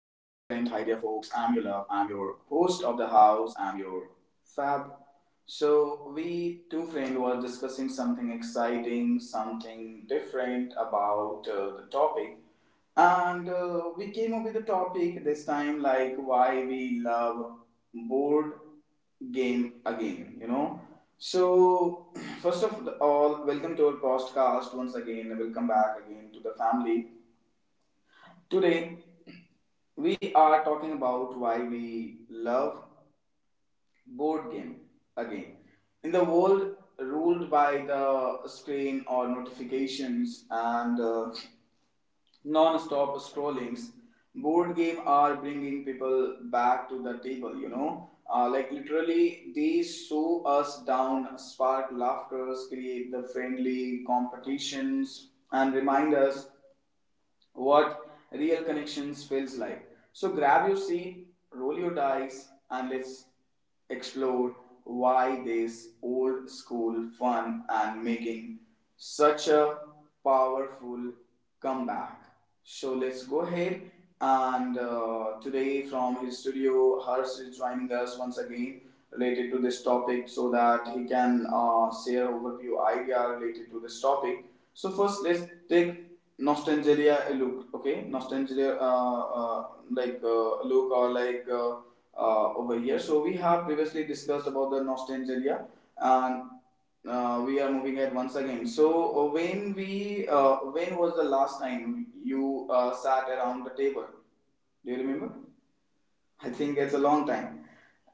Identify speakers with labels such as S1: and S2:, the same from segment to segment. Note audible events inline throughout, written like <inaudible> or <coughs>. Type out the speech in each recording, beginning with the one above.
S1: I'm your love, I'm your host of the house, I'm your fab. So, we two friends were discussing something exciting, something different about the topic. And we came up with a topic this time, like why we love board game again. So, <clears throat> first of all, welcome to our podcast once again. Welcome back again to the family. Today, we are talking about why we love board game again. In the world ruled by the screen or notifications and non-stop scrollings, board game are bringing people back to the table. You know, like literally, they slow us down, spark laughters, create the friendly competitions, and remind us what real connections feels like. So grab your seat, roll your dice, and let's explore why this old school fun and making such a powerful comeback. So let's go ahead and today, from his studio, Harsh is joining us once again related to this topic, so that he can share overview idea related to this topic. So first, let's take nostalgia look, okay, nostalgia, like look, or like over here. So we have previously discussed about the nostalgia, and we are moving ahead once again. So when we when was the last time you sat around the table? Do you remember? I think it's a long time.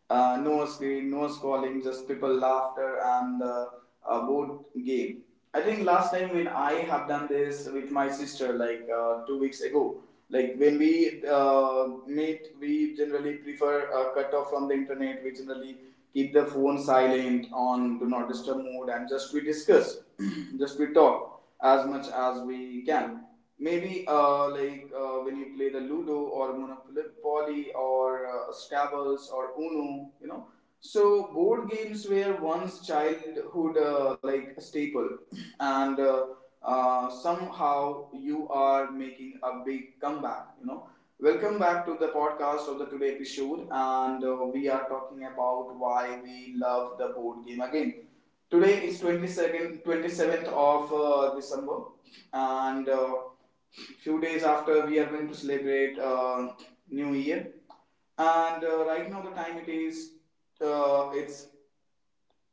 S1: No screen, no scrolling, just people laughter and the board game. I think last time when I have done this with my sister, like 2 weeks ago, like when we meet, we generally prefer a cut off from the internet. We generally keep the phone silent on do not disturb mode, and just we discuss, <clears throat> just we talk as much as we can. Maybe like when you play the Ludo or Monopoly or Scrabbles or Uno. So board games were once childhood like staple, <clears throat> and somehow you are making a big comeback. You know, welcome back to the podcast of the today episode, and we are talking about why we love the board game again. Today is 22nd, 27th of December, and few days after we are going to celebrate New Year. And right now the time, it is it's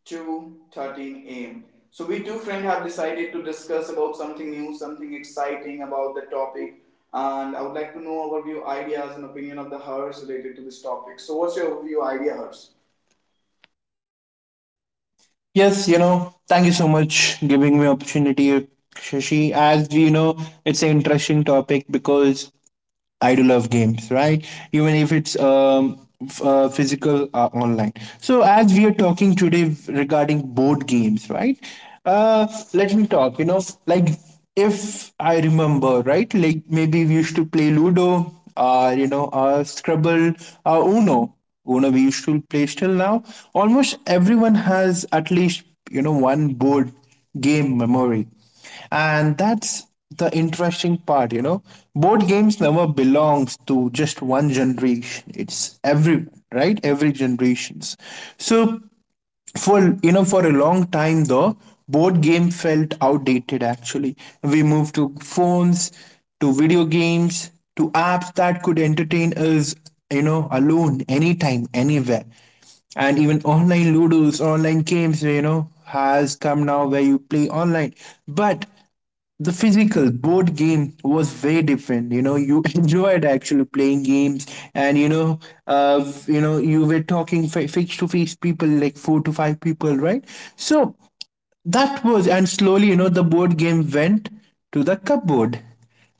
S1: 2:13 a.m. So we two friends have decided to discuss about something new, something exciting about the topic. And I would like to know our view, ideas, and opinion of the hers related to this topic. So, what's your view, idea, hers?
S2: Yes, thank you so much giving me opportunity, Shashi. As you know, it's an interesting topic because I do love games, right? Even if it's physical or online. So, as we are talking today regarding board games, right? Uh, Let me talk, like if I remember, right? Like maybe we used to play Ludo, or Scrabble, or Uno. Uno we used to play still now. Almost everyone has at least, one board game memory, and that's the interesting part. Board games never belongs to just one generation. It's every, right, every generations. So, for you know for a long time, though, board game felt outdated. Actually, we moved to phones, to video games, to apps that could entertain us, alone, anytime, anywhere. And even online ludos, online games, has come now, where you play online. But the physical board game was very different. You <laughs> enjoyed actually playing games. And you were talking face to face, people like four to five people, right? So that was, and slowly, the board game went to the cupboard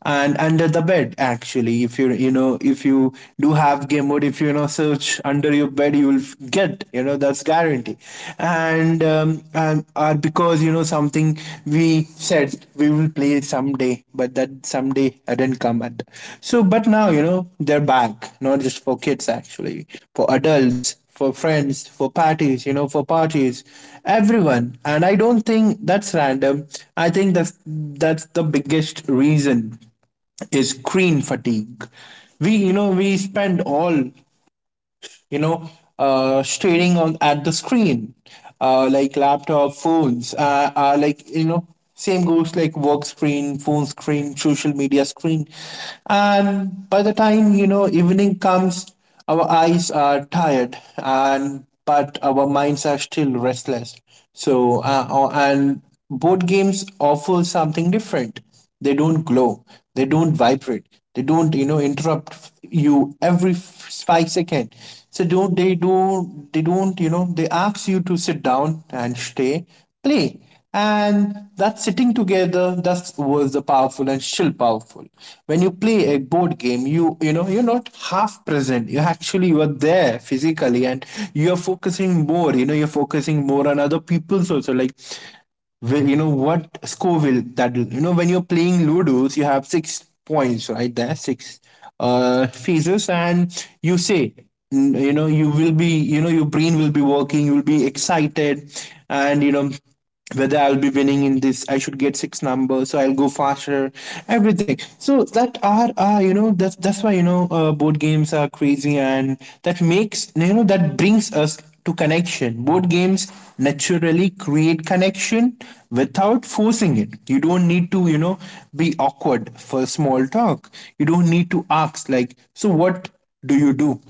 S2: and under the bed. Actually, if you do have game mode, if you, you know search under your bed, you will get, that's guarantee. And because, something, we said we will play someday, but that someday didn't come at. So, but now, they're back, not just for kids, actually. For adults, for friends, for parties, everyone. And I don't think that's random. I think that's the biggest reason is screen fatigue. We spend all, you know, staring on at the screen, like laptop, phones, like, same goes like work screen, phone screen, social media screen. And by the time, evening comes, our eyes are tired, and but our minds are still restless. So, and board games offer something different. They don't glow. They don't vibrate. They don't, interrupt you every 5 second. So don't they don't they don't you know they ask you to sit down and stay, play. And that sitting together, that was the powerful and still powerful. When you play a board game, you're not half present. You actually, you are there physically. And you're focusing more, you're focusing more on other people's also. Like, will, what score will that will, when you're playing Ludos, you have six points right there, six phases. And you say, you will be, your brain will be working, you will be excited. And, whether I'll be winning in this, I should get six numbers, so I'll go faster, everything. So that are, that's why, board games are crazy, and that makes, that brings us to connection. Board games naturally create connection without forcing it. You don't need to, be awkward for small talk. You don't need to ask, like, so what do you do?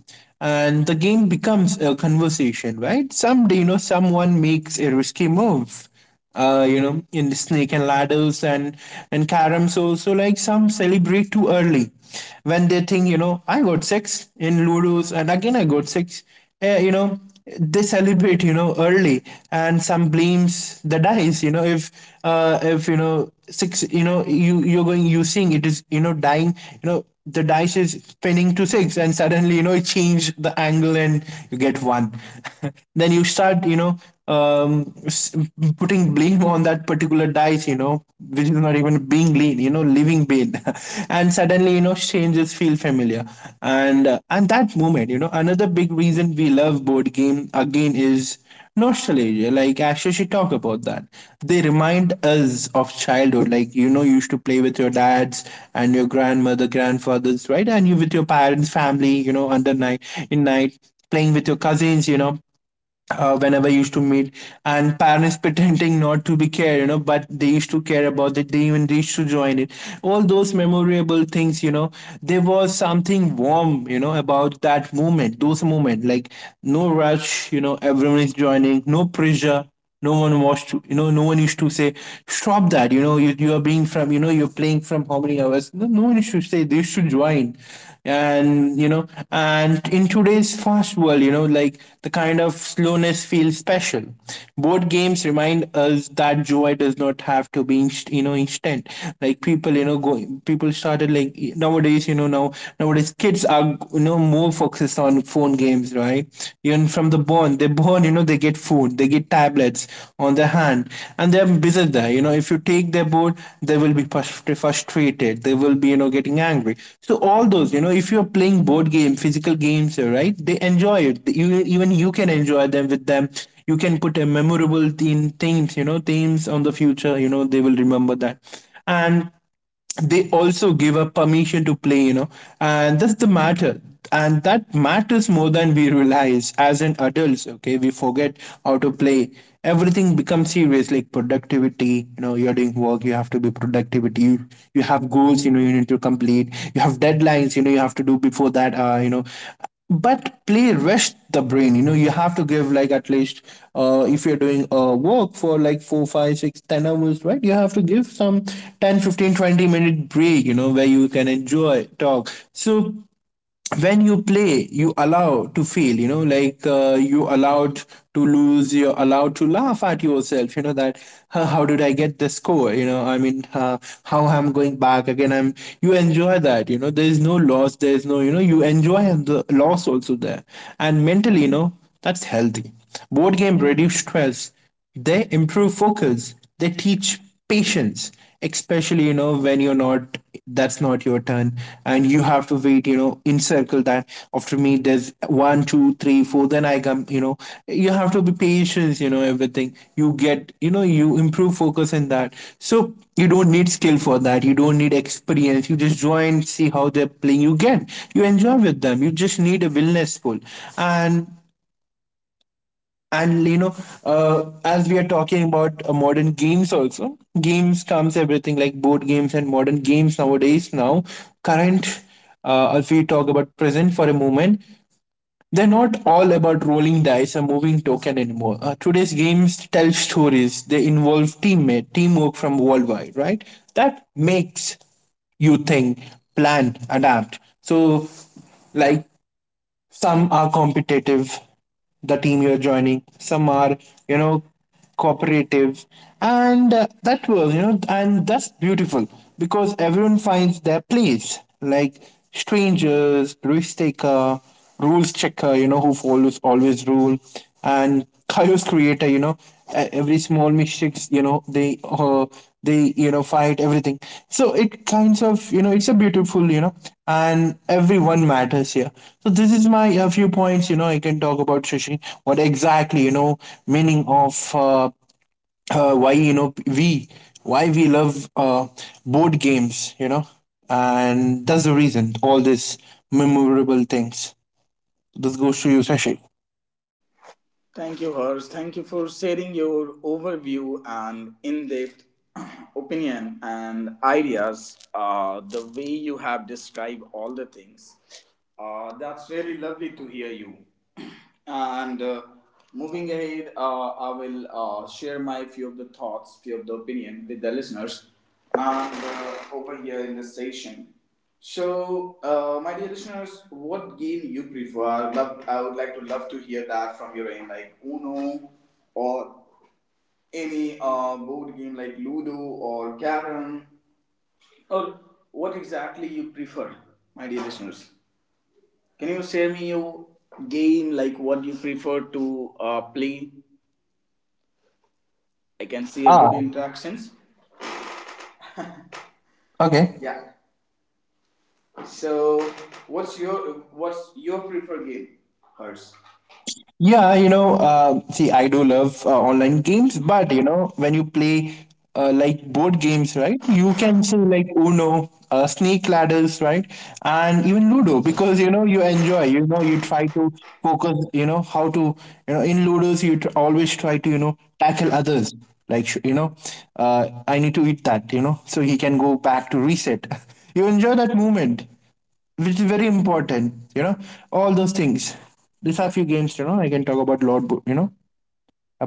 S2: And the game becomes a conversation, right? Someday, someone makes a risky move, in the snake and ladders, and caroms also. Like some celebrate too early when they think, I got six in ludos, and again I got six. Eh, they celebrate, early, and some blames the dice. You know, if if, six, you you're going, using it, is, dying, the dice is spinning to six, and suddenly, it changed the angle, and you get one. <laughs> Then you start, um putting blame on that particular dice, which is not even being lean, living pain. <laughs> And suddenly, changes feel familiar. And that moment, another big reason we love board game again is nostalgia. Like Asha, she talk about that. They remind us of childhood. Like, you used to play with your dads and your grandmother, grandfathers, right? And you with your parents, family, under night, in night, playing with your cousins. Whenever I used to meet, and parents pretending not to be care, but they used to care about it. They even, they used to join it, all those memorable things. There was something warm, about that moment, those moment. Like, no rush, everyone is joining, no pressure. No one wants to you know No one used to say stop that. You are being from, you're playing from how many hours. No, no one used to say they should join. And you know and in today's fast world, like the kind of slowness feels special. Board games remind us that joy does not have to be instant. Like people, going, people started, like nowadays, nowadays kids are, more focused, focuses on phone games, right? Even from the born, they're born, they get food, they get tablets on their hand, and they're busy there. You know, if you take their board, they will be frustrated. They will be, getting angry. So all those, if you're playing board game, physical games, right? They enjoy it. You even you can enjoy them with them. You can put a memorable theme themes themes on the future, they will remember that. And they also give a permission to play, and that's the matter. And that matters more than we realize as an adults, okay? We forget how to play. Everything becomes serious, like productivity. You know, you're doing work, you have to be productivity. You have goals, you need to complete. You have deadlines, you have to do before that. But play rest the brain. You have to give, like, at least, if you're doing work for like 4, 5, 6, 10 hours, right? You have to give some 10, 15, 20 minute break, where you can enjoy, talk. So when you play, you allow to fail, you allowed to lose, you're allowed to laugh at yourself, that, "Huh, how did I get the score, I mean, how I'm going back again, I'm..." You enjoy that, there is no loss, there is no, you enjoy the loss also there. And mentally, that's healthy. Board game reduce stress, they improve focus. They teach patience, especially, when you're not, that's not your turn. And you have to wait, encircle that after me, there's one two three four, then I come. You have to be patient. Everything you get, you improve focus in that. So you don't need skill for that, you don't need experience. You just join, see how they're playing, you get, you enjoy with them. You just need a willingness, pull. And and you know uh, as we are talking about, modern games also, games comes everything, like board games and modern games, nowadays, now, current. If we talk about present for a moment, they're not all about rolling dice or moving token anymore. Today's games tell stories, they involve teammate teamwork from worldwide, right? That makes you think, plan, adapt. So, like, some are competitive, the team you're joining. Some are, you know cooperative. And uh, that was you know and that's beautiful, because everyone finds their place, like strangers, risk taker, rules checker, who follows always rule. And <laughs> chaos creator, every small mistakes, they, they, fight everything. So it kinds of, it's a beautiful, and everyone matters here. So this is my, few points, I can talk about, Sushi. What exactly, meaning of, why, we why we love, board games, and that's the reason. All these memorable things. This goes to you, Sashi.
S1: Thank you, Harsh. Thank you for sharing your overview and in depth <clears throat> opinion and ideas. The way you have described all the things, that's really lovely to hear you. <clears throat> And moving ahead, I will share my few of the thoughts, few of the opinion with the listeners. And over here in this session. So, my dear listeners, what game you prefer? I would love, I would like to love to hear that from your end, like Uno, or any board game like Ludo or Carom, or what exactly you prefer, my dear listeners. Can you share me your game, like what you prefer to play? I can see a good
S2: Ah,
S1: interactions.
S2: okay.
S1: Yeah. So, what's your what's your preferred game? Hers.
S2: Yeah, see, I do love, online games. But, when you play, like board games, right? You can say like Uno, Snake Ladders, right, and even Ludo, because, you enjoy. You know, you try to focus. You know how to. You know, in Ludos, you always try to, tackle others. Like sh- you know, I need to eat that. You know, so he can go back to reset. <laughs> You enjoy that moment, which is very important, all those things. These are few games, I can talk about lot bo- you know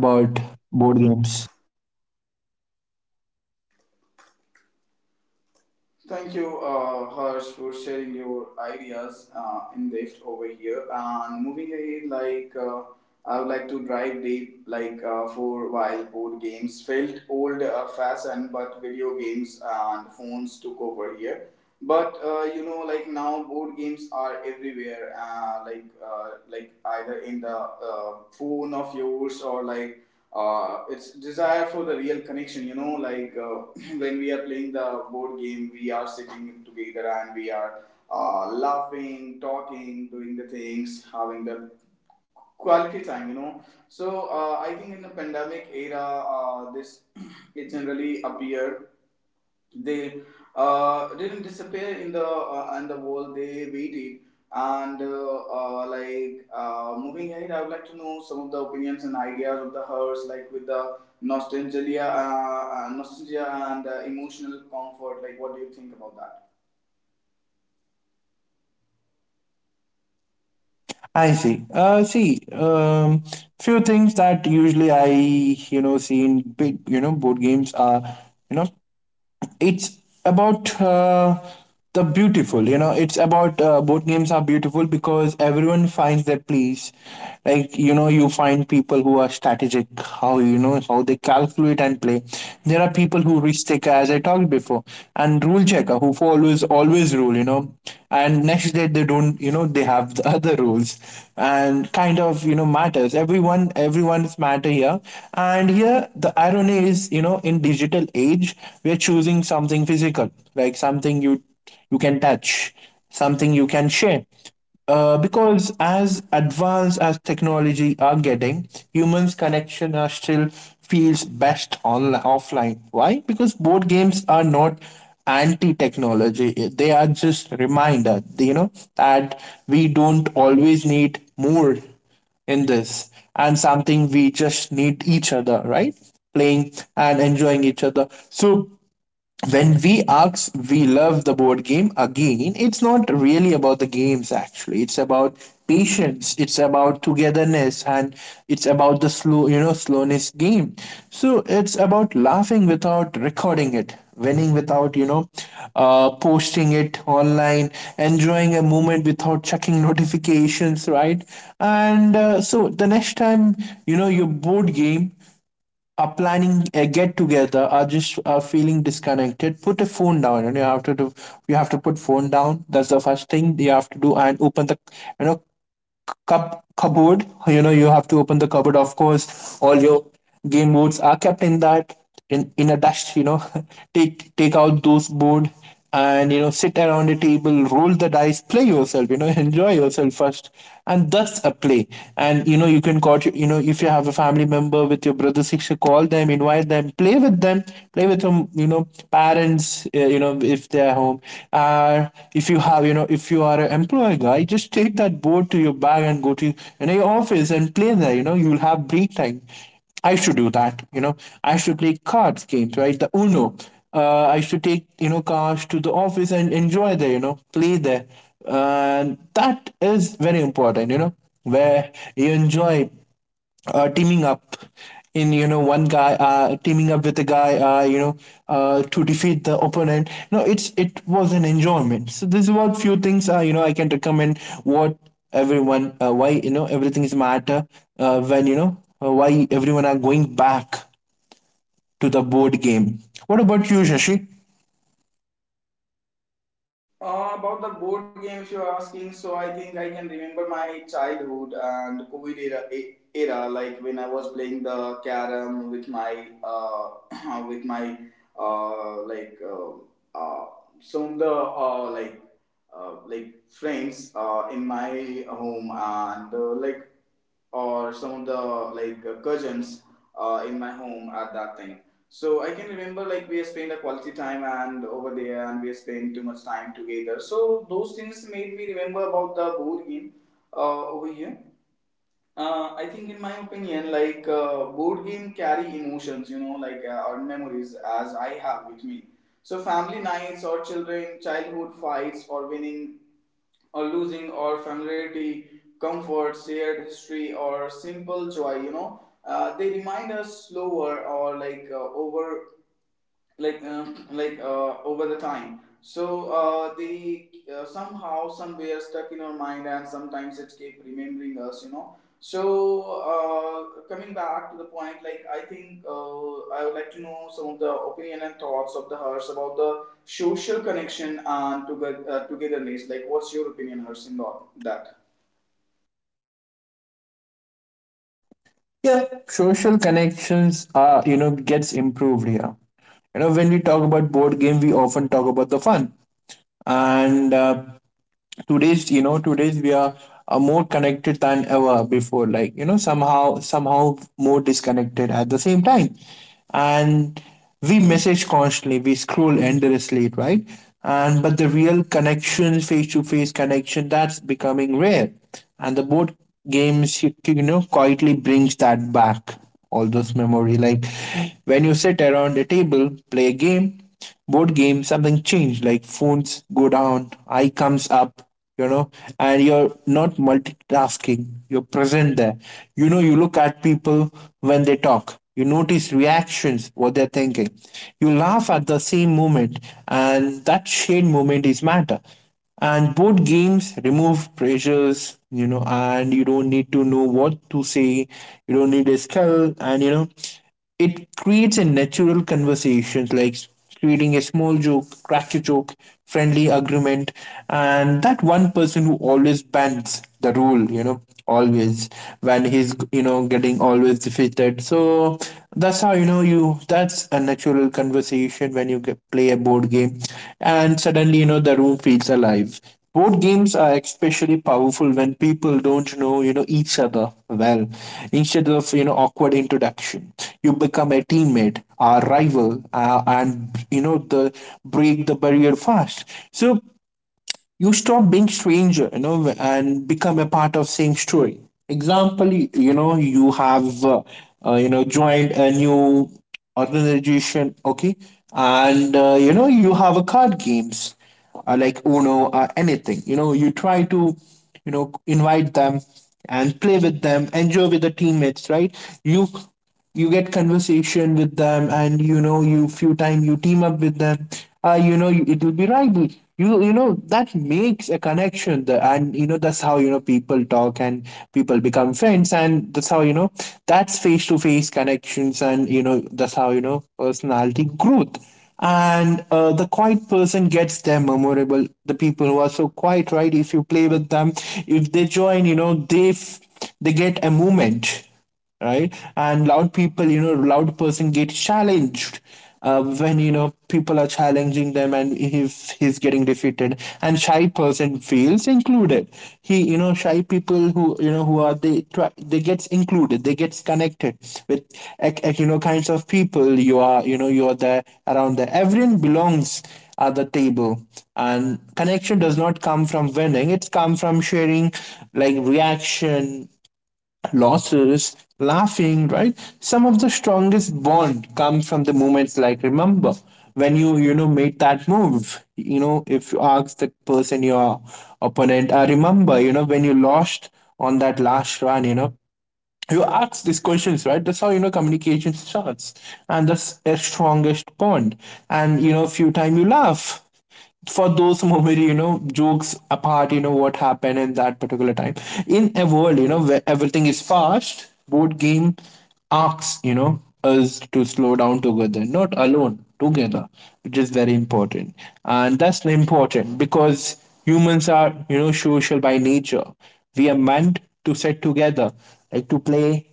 S2: about board games.
S1: Thank you, Harsh, for sharing your ideas in depth over here. And moving ahead, I would like to drive deep, for while board games felt old fashioned, but video games and phones took over here. But you know, like now board games are everywhere. Like either in the phone of yours, or like it's desire for the real connection, you know, like <clears throat> when we are playing the board game, we are sitting together, and we are laughing, talking, doing the things, having the quality time, you know. So I think in the pandemic era, this <clears throat> it generally appeared, they didn't disappear in the wall. They waited, and moving ahead. I would like to know some of the opinions and ideas of the hers, like with the nostalgia, nostalgia and emotional comfort. Like, what do you think about that?
S2: I see few things that usually I see in big, board games are, you know it's about, the beautiful. You know, it's about, board games are beautiful because everyone finds their place. Like, you know, you find people who are strategic, how, you know, how they calculate and play. There are people who risk taker, as I talked before, and rule checker who follows always rule, you know. And next day they don't, you know, they have the <laughs> other rules, and kind of, you know, matters. Everyone's matter here. And here the irony is, you know, in digital age, we are choosing something physical, like something you, you can touch, something you can share. Because as advanced as technology are getting, humans' connection are still feels best on offline. Why? Because board games are not anti-technology. They are just reminder, you know, that we don't always need more in this, and something we just need each other, right? Playing and enjoying each other. So when we ask we love the board game again, it's not really about the games, actually it's about patience, it's about togetherness, and it's about the slow, you know, slowness game. So it's about laughing without recording it, winning without, posting it online, enjoying a moment without checking <laughs> notifications, right? And so the next time, your board game, are planning a get together, are just are feeling disconnected, put a phone down and you have to do, you have to put phone down. That's the first thing you have to do, and open the, you know cupboard. You know, you have to open the cupboard. Of course, all your game boards are kept in that, in a dust. You know, <laughs> take out those board, and you know, sit around a table, roll the dice, play yourself. You know, <laughs> enjoy yourself first, and that's a play. And you know, you can call, you know, if you have a family member, with your brother sister, call them, invite them, play with them, You know, parents friends, you know, if they're home, uh, if you have, you know, if you are an employee guy, just take that board to your bag and go to, you know, your office and play there. You know, you'll have break time. I should do that, you know. I should play cards games, right? The Uno. I should take, you know, cards to the office and enjoy there, you know, play there. And that is very important, you know, where you enjoy, teaming up in, you know, one guy, teaming up with a guy, to defeat the opponent. No, it's, it was an enjoyment. So this is what few things, you know, I can recommend, what everyone, why, you know, everything is matter, when you know, why everyone are going back to the board game. What about you, Shashi?
S1: About the board games you're asking, so I think I can remember my childhood and COVID era, era, like when I was playing the carom with my <coughs> <clears throat> with my uh, like uh, uh, some of the like friends in my home, and like, or some of the like cousins in my home at that time. So I can remember, like we spent a quality time and over there, and we spent too much time together. So those things made me remember about the board game over here. I think in my opinion, like board game carry emotions, you know, like or memories as I have with me. So family nights or children childhood fights or winning or losing or familiarity, comfort, shared history, or simple joy. You know, they remind us slower, or like over like like over the time. So they somehow somewhere stuck in our mind, and sometimes it keep remembering us, you know. So coming back to the point, like I think, I would like to know some of the opinion and thoughts of the hers about the social connection and together, togetherness. Like, what's your opinion, hers, in that?
S2: Yeah, social connections are, you know, gets improved here. You know, when we talk about board game, we often talk about the fun, and today's, you know, today's we are, more connected than ever before, like you know, somehow more disconnected at the same time. And we message constantly, we scroll endlessly, right? And but the real connection, face to face connection, that's becoming rare. And the board games, you know, quietly brings that back. All those memory, like when you sit around a table, play a game, board game, something changed, like phones go down, eye comes up, you know. And you're not multitasking, you're present there. You know, you look at people when they talk, you notice reactions, what they're thinking, you laugh at the same moment, and that shared moment is matter. And board games remove pressures, you know, and you don't need to know what to say, you don't need a skill, and you know, it creates a natural conversations, like creating a small joke, crack a joke, friendly agreement, and that one person who always bends the rule, you know, always when he's, you know, getting always defeated. So that's how, you know, you, that's a natural conversation when you get, play a board game, and suddenly you know the room feels alive. Board games are especially powerful when people don't know, you know, each other well. Instead of, you know, awkward introduction, you become a teammate, a rival, and, you know, the break the barrier fast. So you stop being stranger, you know, and become a part of same story. Example, you know, you have you know, joined a new organization, okay? And you know, you have a card games, like Uno or anything, you know, you try to, you know, invite them and play with them, enjoy with the teammates, right? you you get conversation with them, and you know, you few time you team up with them, you know, it will be rival. You know, that makes a connection, the, and you know, that's how, you know, people talk, and people become friends, and that's how, you know, that's face to face connections, and you know, that's how, you know, personality growth. And the quiet person gets them memorable. The people who are so quiet, right? If you play with them, if they join, you know, they get a moment, right? And loud people, you know, loud person get challenged, when you know people are challenging them, and if he's getting defeated, and shy person feels included. He, you know, shy people who you know who are they try, they gets included, they gets connected with you know, kinds of people. You are, you know, you are there around there. Everyone belongs at the table. And connection does not come from winning, it's come from sharing, like reaction, losses, laughing, right? Some of the strongest bond comes from the moments, like remember when you know, made that move. You know, if you ask the person, your opponent, I remember, you know, when you lost on that last run, you know, you ask these questions, right? That's how, you know, communication starts, and that's a strongest bond. And you know, few time you laugh for those <laughs> moment, you know, jokes apart, you know, what happened in that particular time. In a world, you know, where everything is fast, board game asks, you know, us to slow down together, not alone together, which is very important. And that's important because humans are, you know, social by nature. We are meant to sit together, like to play,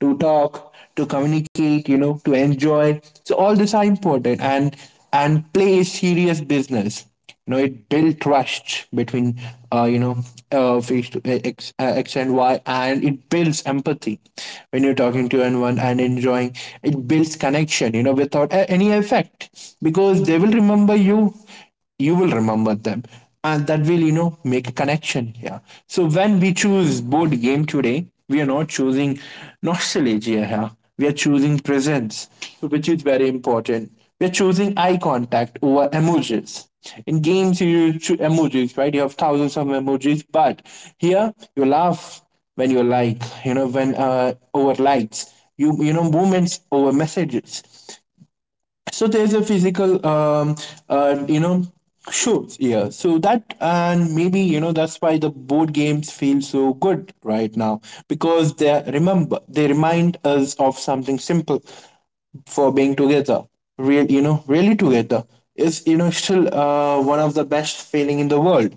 S2: to talk, to communicate, you know, to enjoy. So all these are important. And play is serious business. You know, it built trust between, you know, face to x and y, and it builds empathy. When you're talking to anyone and enjoying, it builds connection, you know, without any effect, because they will remember you, you will remember them, and that will, you know, make a connection here. So when we choose board game today, we are not choosing nostalgia here, we are choosing presence. So which is very important. We're choosing eye contact over emojis. In games, you use emojis, right? You have thousands of emojis, but here you laugh when you like, you know, when over likes, you know, movements over messages. So there's a physical, you know, shows here. So that, and maybe, you know, that's why the board games feel so good right now because they remind us of something simple for being together, real, you know, really together is, you know, still one of the best feeling in the world.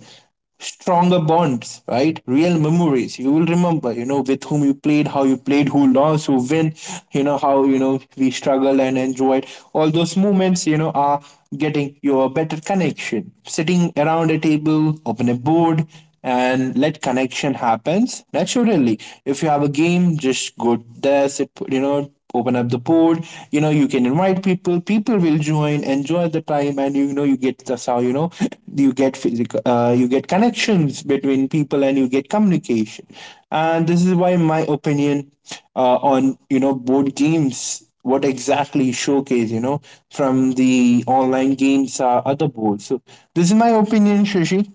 S2: Stronger bonds, right? Real memories. You will remember, you know, with whom you played, how you played, who lost, who win, you know, how, you know, we struggled and enjoyed. All those moments, you know, are getting you a better connection, sitting around a table, open a board, and let connection happens naturally. If you have a game, just go there, sit, you know, open up the board. You know, you can invite people, people will join, enjoy the time, and you know you get the how, you know, you get physical, you get connections between people, and you get communication. And this is why my opinion, on, you know, board games, what exactly showcase, you know, from the online games are other boards. So this is my opinion, Shashi.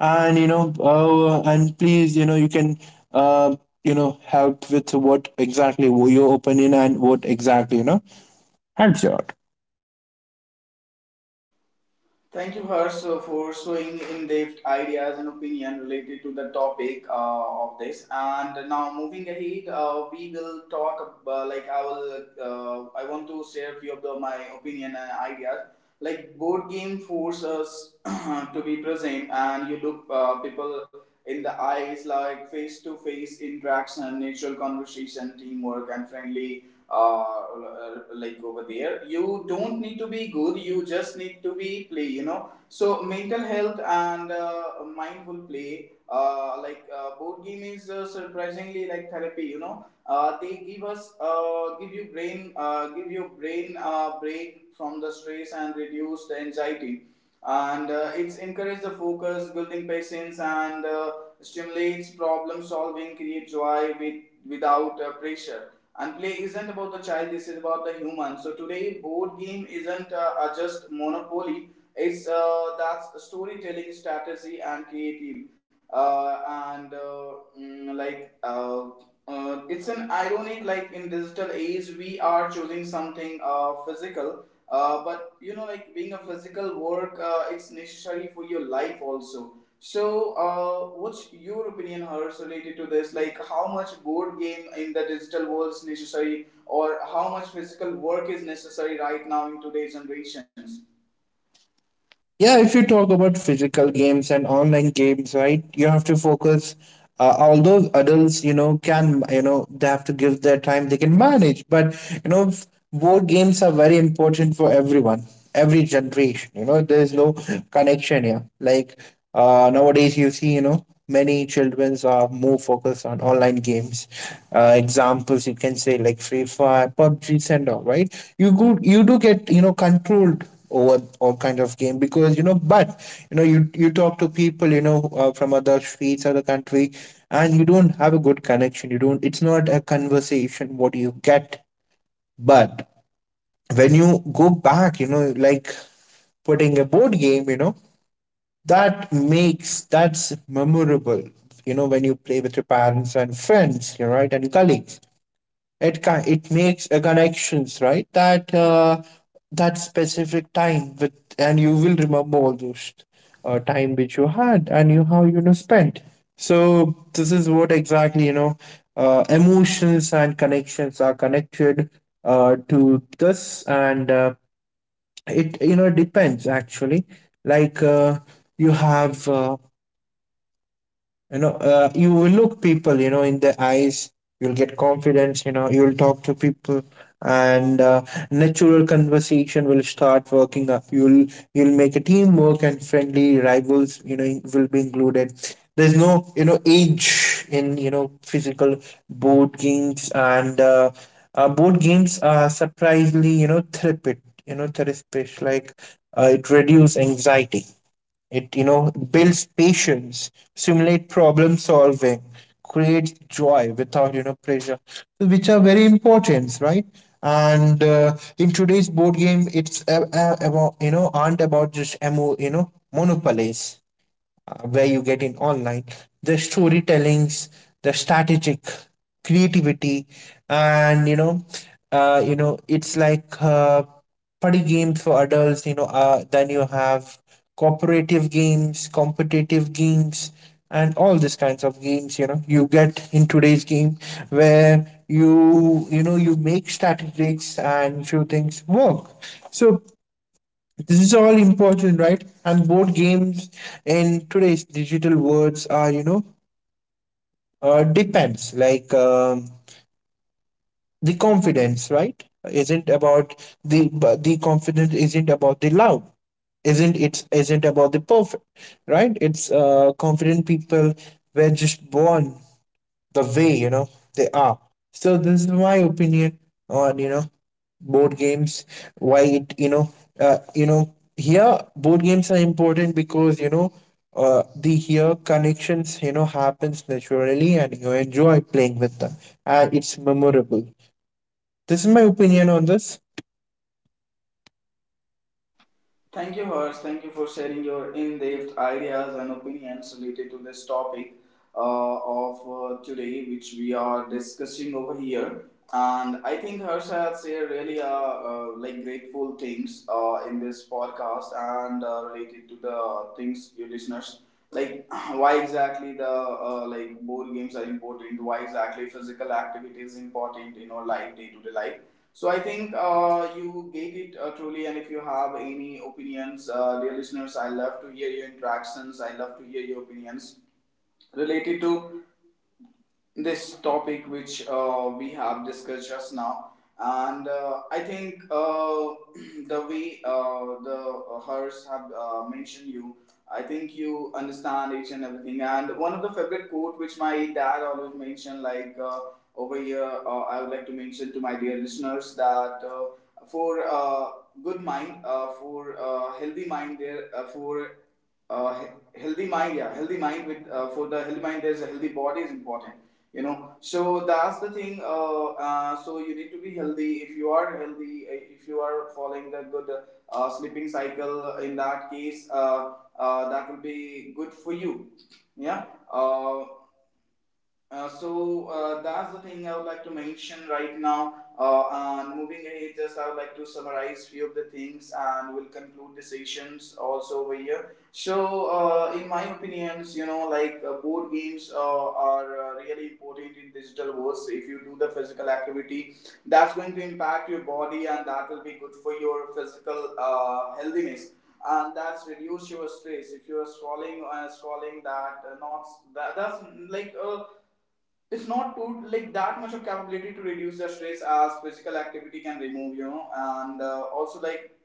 S2: And you know, and please, you know, you can uh, you know help with what exactly your opinion and what exactly, you know, helps you out.
S1: Thank you, Harsh, for showing in-depth ideas and opinion related to the topic of this. And now, moving ahead, we will talk. Like, I will, I want to share few of the, my opinion and ideas. Like board game force us <clears throat> to be present, and you look people in the eyes, like face-to-face interaction, natural conversation, teamwork, and friendly uh, like, over there you don't need to be good, you just need to be play, you know. So mental health, and mindful play, like board game is surprisingly like therapy, you know. They give your brain break from the stress and reduce the anxiety. And it's encourage the focus, building patience, and stimulates problem solving, create joy without pressure. And play isn't about the child, this is about the human. So today, board game isn't just monopoly, it's that's storytelling, strategy, and creative. Uh, and uh, mm, like, uh, it's an ironic, like in digital age, we are choosing something physical. But you know, like being a physical work, it's necessary for your life also. So, what's your opinion, Hers, related to this? Like, how much board game in the digital world is necessary, or how much physical work is necessary right now in today's generations?
S2: Yeah, if you talk about physical games and online games, right, you have to focus. Although adults, you know, can, you know, they have to give their time, they can manage. But you know, board games are very important for everyone, every generation. You know, there is no connection here. Like, uh, nowadays, you see, you know, many children are more focused on online games. Examples you can say like Free Fire, PUBG, and all. Right? You go, you do get, you know, controlled over all kind of game because you know. But you know, you talk to people, you know, from other streets, other country, and you don't have a good connection. You don't. It's not a conversation. What you get, but when you go back, you know, like putting a board game, you know, that's memorable. You know, when you play with your parents and friends, you are right, and colleagues, it makes a connections, right? That that specific time with, and you will remember all those time which you had, and you how, you know, spent. So this is what exactly, you know, emotions and connections are connected to this. And it, you know, depends actually. Like, you have, you know, you will look people, you know, in the eyes, you'll get confidence, you know, you'll talk to people. And natural conversation will start working up. You'll make a teamwork, and friendly rivals, you know, will be included. There's no, you know, age in, you know, physical board games. And board games are surprisingly, you know, therapeutic, you know, therapeutic. Like, it reduces anxiety, it, you know, builds patience, simulate problem solving, creates joy without, you know, pressure, which are very important, right? And in today's board game, it's about, you know, aren't about just emo you know, monopolies, where you get in online, the storytellings, the strategic, creativity, and you know, you know, it's like party games for adults, you know. Then you have cooperative games, competitive games, and all these kinds of games, you know, you get in today's game, where you know, you make strategies and few things work. So this is all important, right? And board games in today's digital worlds are, you know, depends, like, the confidence, right? Isn't about the but the confidence isn't about the loud, isn't about the perfect, right? It's confident people were just born the way, you know, they are. So this is my opinion on, you know, board games. Why it, you know, you know, here board games are important because, you know, the here connections, you know, happens naturally, and you enjoy playing with them, and it's memorable. This is my opinion on this.
S1: Thank you, Hers. Thank you for sharing your in depth ideas and opinions related to this topic of today, which we are discussing over here. And I think Hers has shared really like grateful things in this podcast, and related to the things your listeners, like <clears throat> why exactly the like board games are important, why exactly physical activity is important in our life day to day life. So I think you get it truly, and if you have any opinions, dear listeners, I love to hear your interactions. I love to hear your opinions related to this topic, which we have discussed just now. And I think, <clears throat> the way the hers have mentioned, you, I think, you understand each and everything. And one of the favorite quote which my dad always mentioned, like over here, I would like to mention to my dear listeners that for good mind, for healthy mind there, for healthy mind, yeah, healthy mind with, for the healthy mind, there's a healthy body is important. You know, so that's the thing, so you need to be healthy. If you are healthy, if you are following the good sleeping cycle, in that case, that will be good for you. Yeah. Uh, uh, so uh, that's the thing I would like to mention right now. And moving ahead, just I would like to summarize few of the things, and we'll conclude the sessions also over here. So, in my opinions, you know, like board games are really important in digital worlds. If you do the physical activity, that's going to impact your body, and that will be good for your physical healthiness. And that's reduce your stress. If you're scrolling that, not that's like a, it's not too like that much of capability to reduce the stress as physical activity can remove, you know. And also,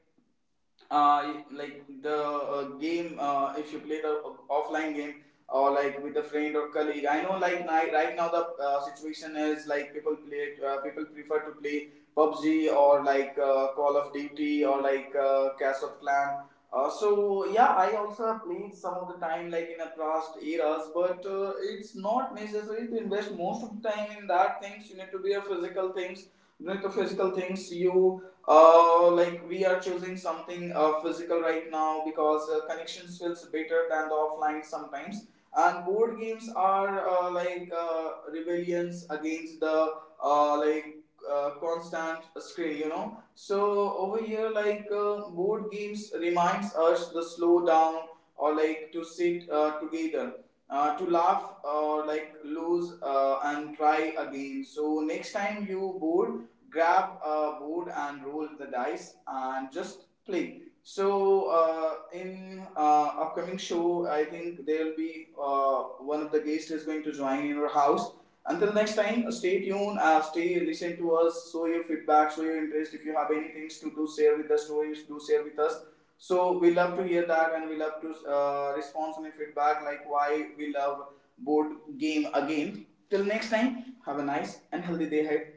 S1: like the game, if you play the offline game, or like with a friend or colleague, I know, like right now the situation is like people prefer to play pubg, or like call of duty, or like clash of clan. So, yeah, I also have played some of the time like in the past eras, but it's not necessary to invest most of the time in that things. You need to be a physical things. You need to physical things, you, like we are choosing something physical right now, because connections feels better than the offline sometimes. And board games are like rebellions against the like constant screen, you know. So over here, like board games reminds us the slow down, or like to sit together, to laugh, or like lose, and try again. So next time you bored, grab a board and roll the dice and just play. So, in upcoming show, I think there will be one of the guests is going to join in our house. Until next time, stay tuned, stay, listen to us, show your feedback, show your interest. If you have any things to do, share with the stories, do share with us. So we love to hear that, and we love to respond on your feedback, like why we love board game again. Till next time, have a nice and healthy day ahead.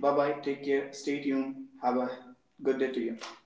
S1: Bye bye, take care, stay tuned, have a good day to you.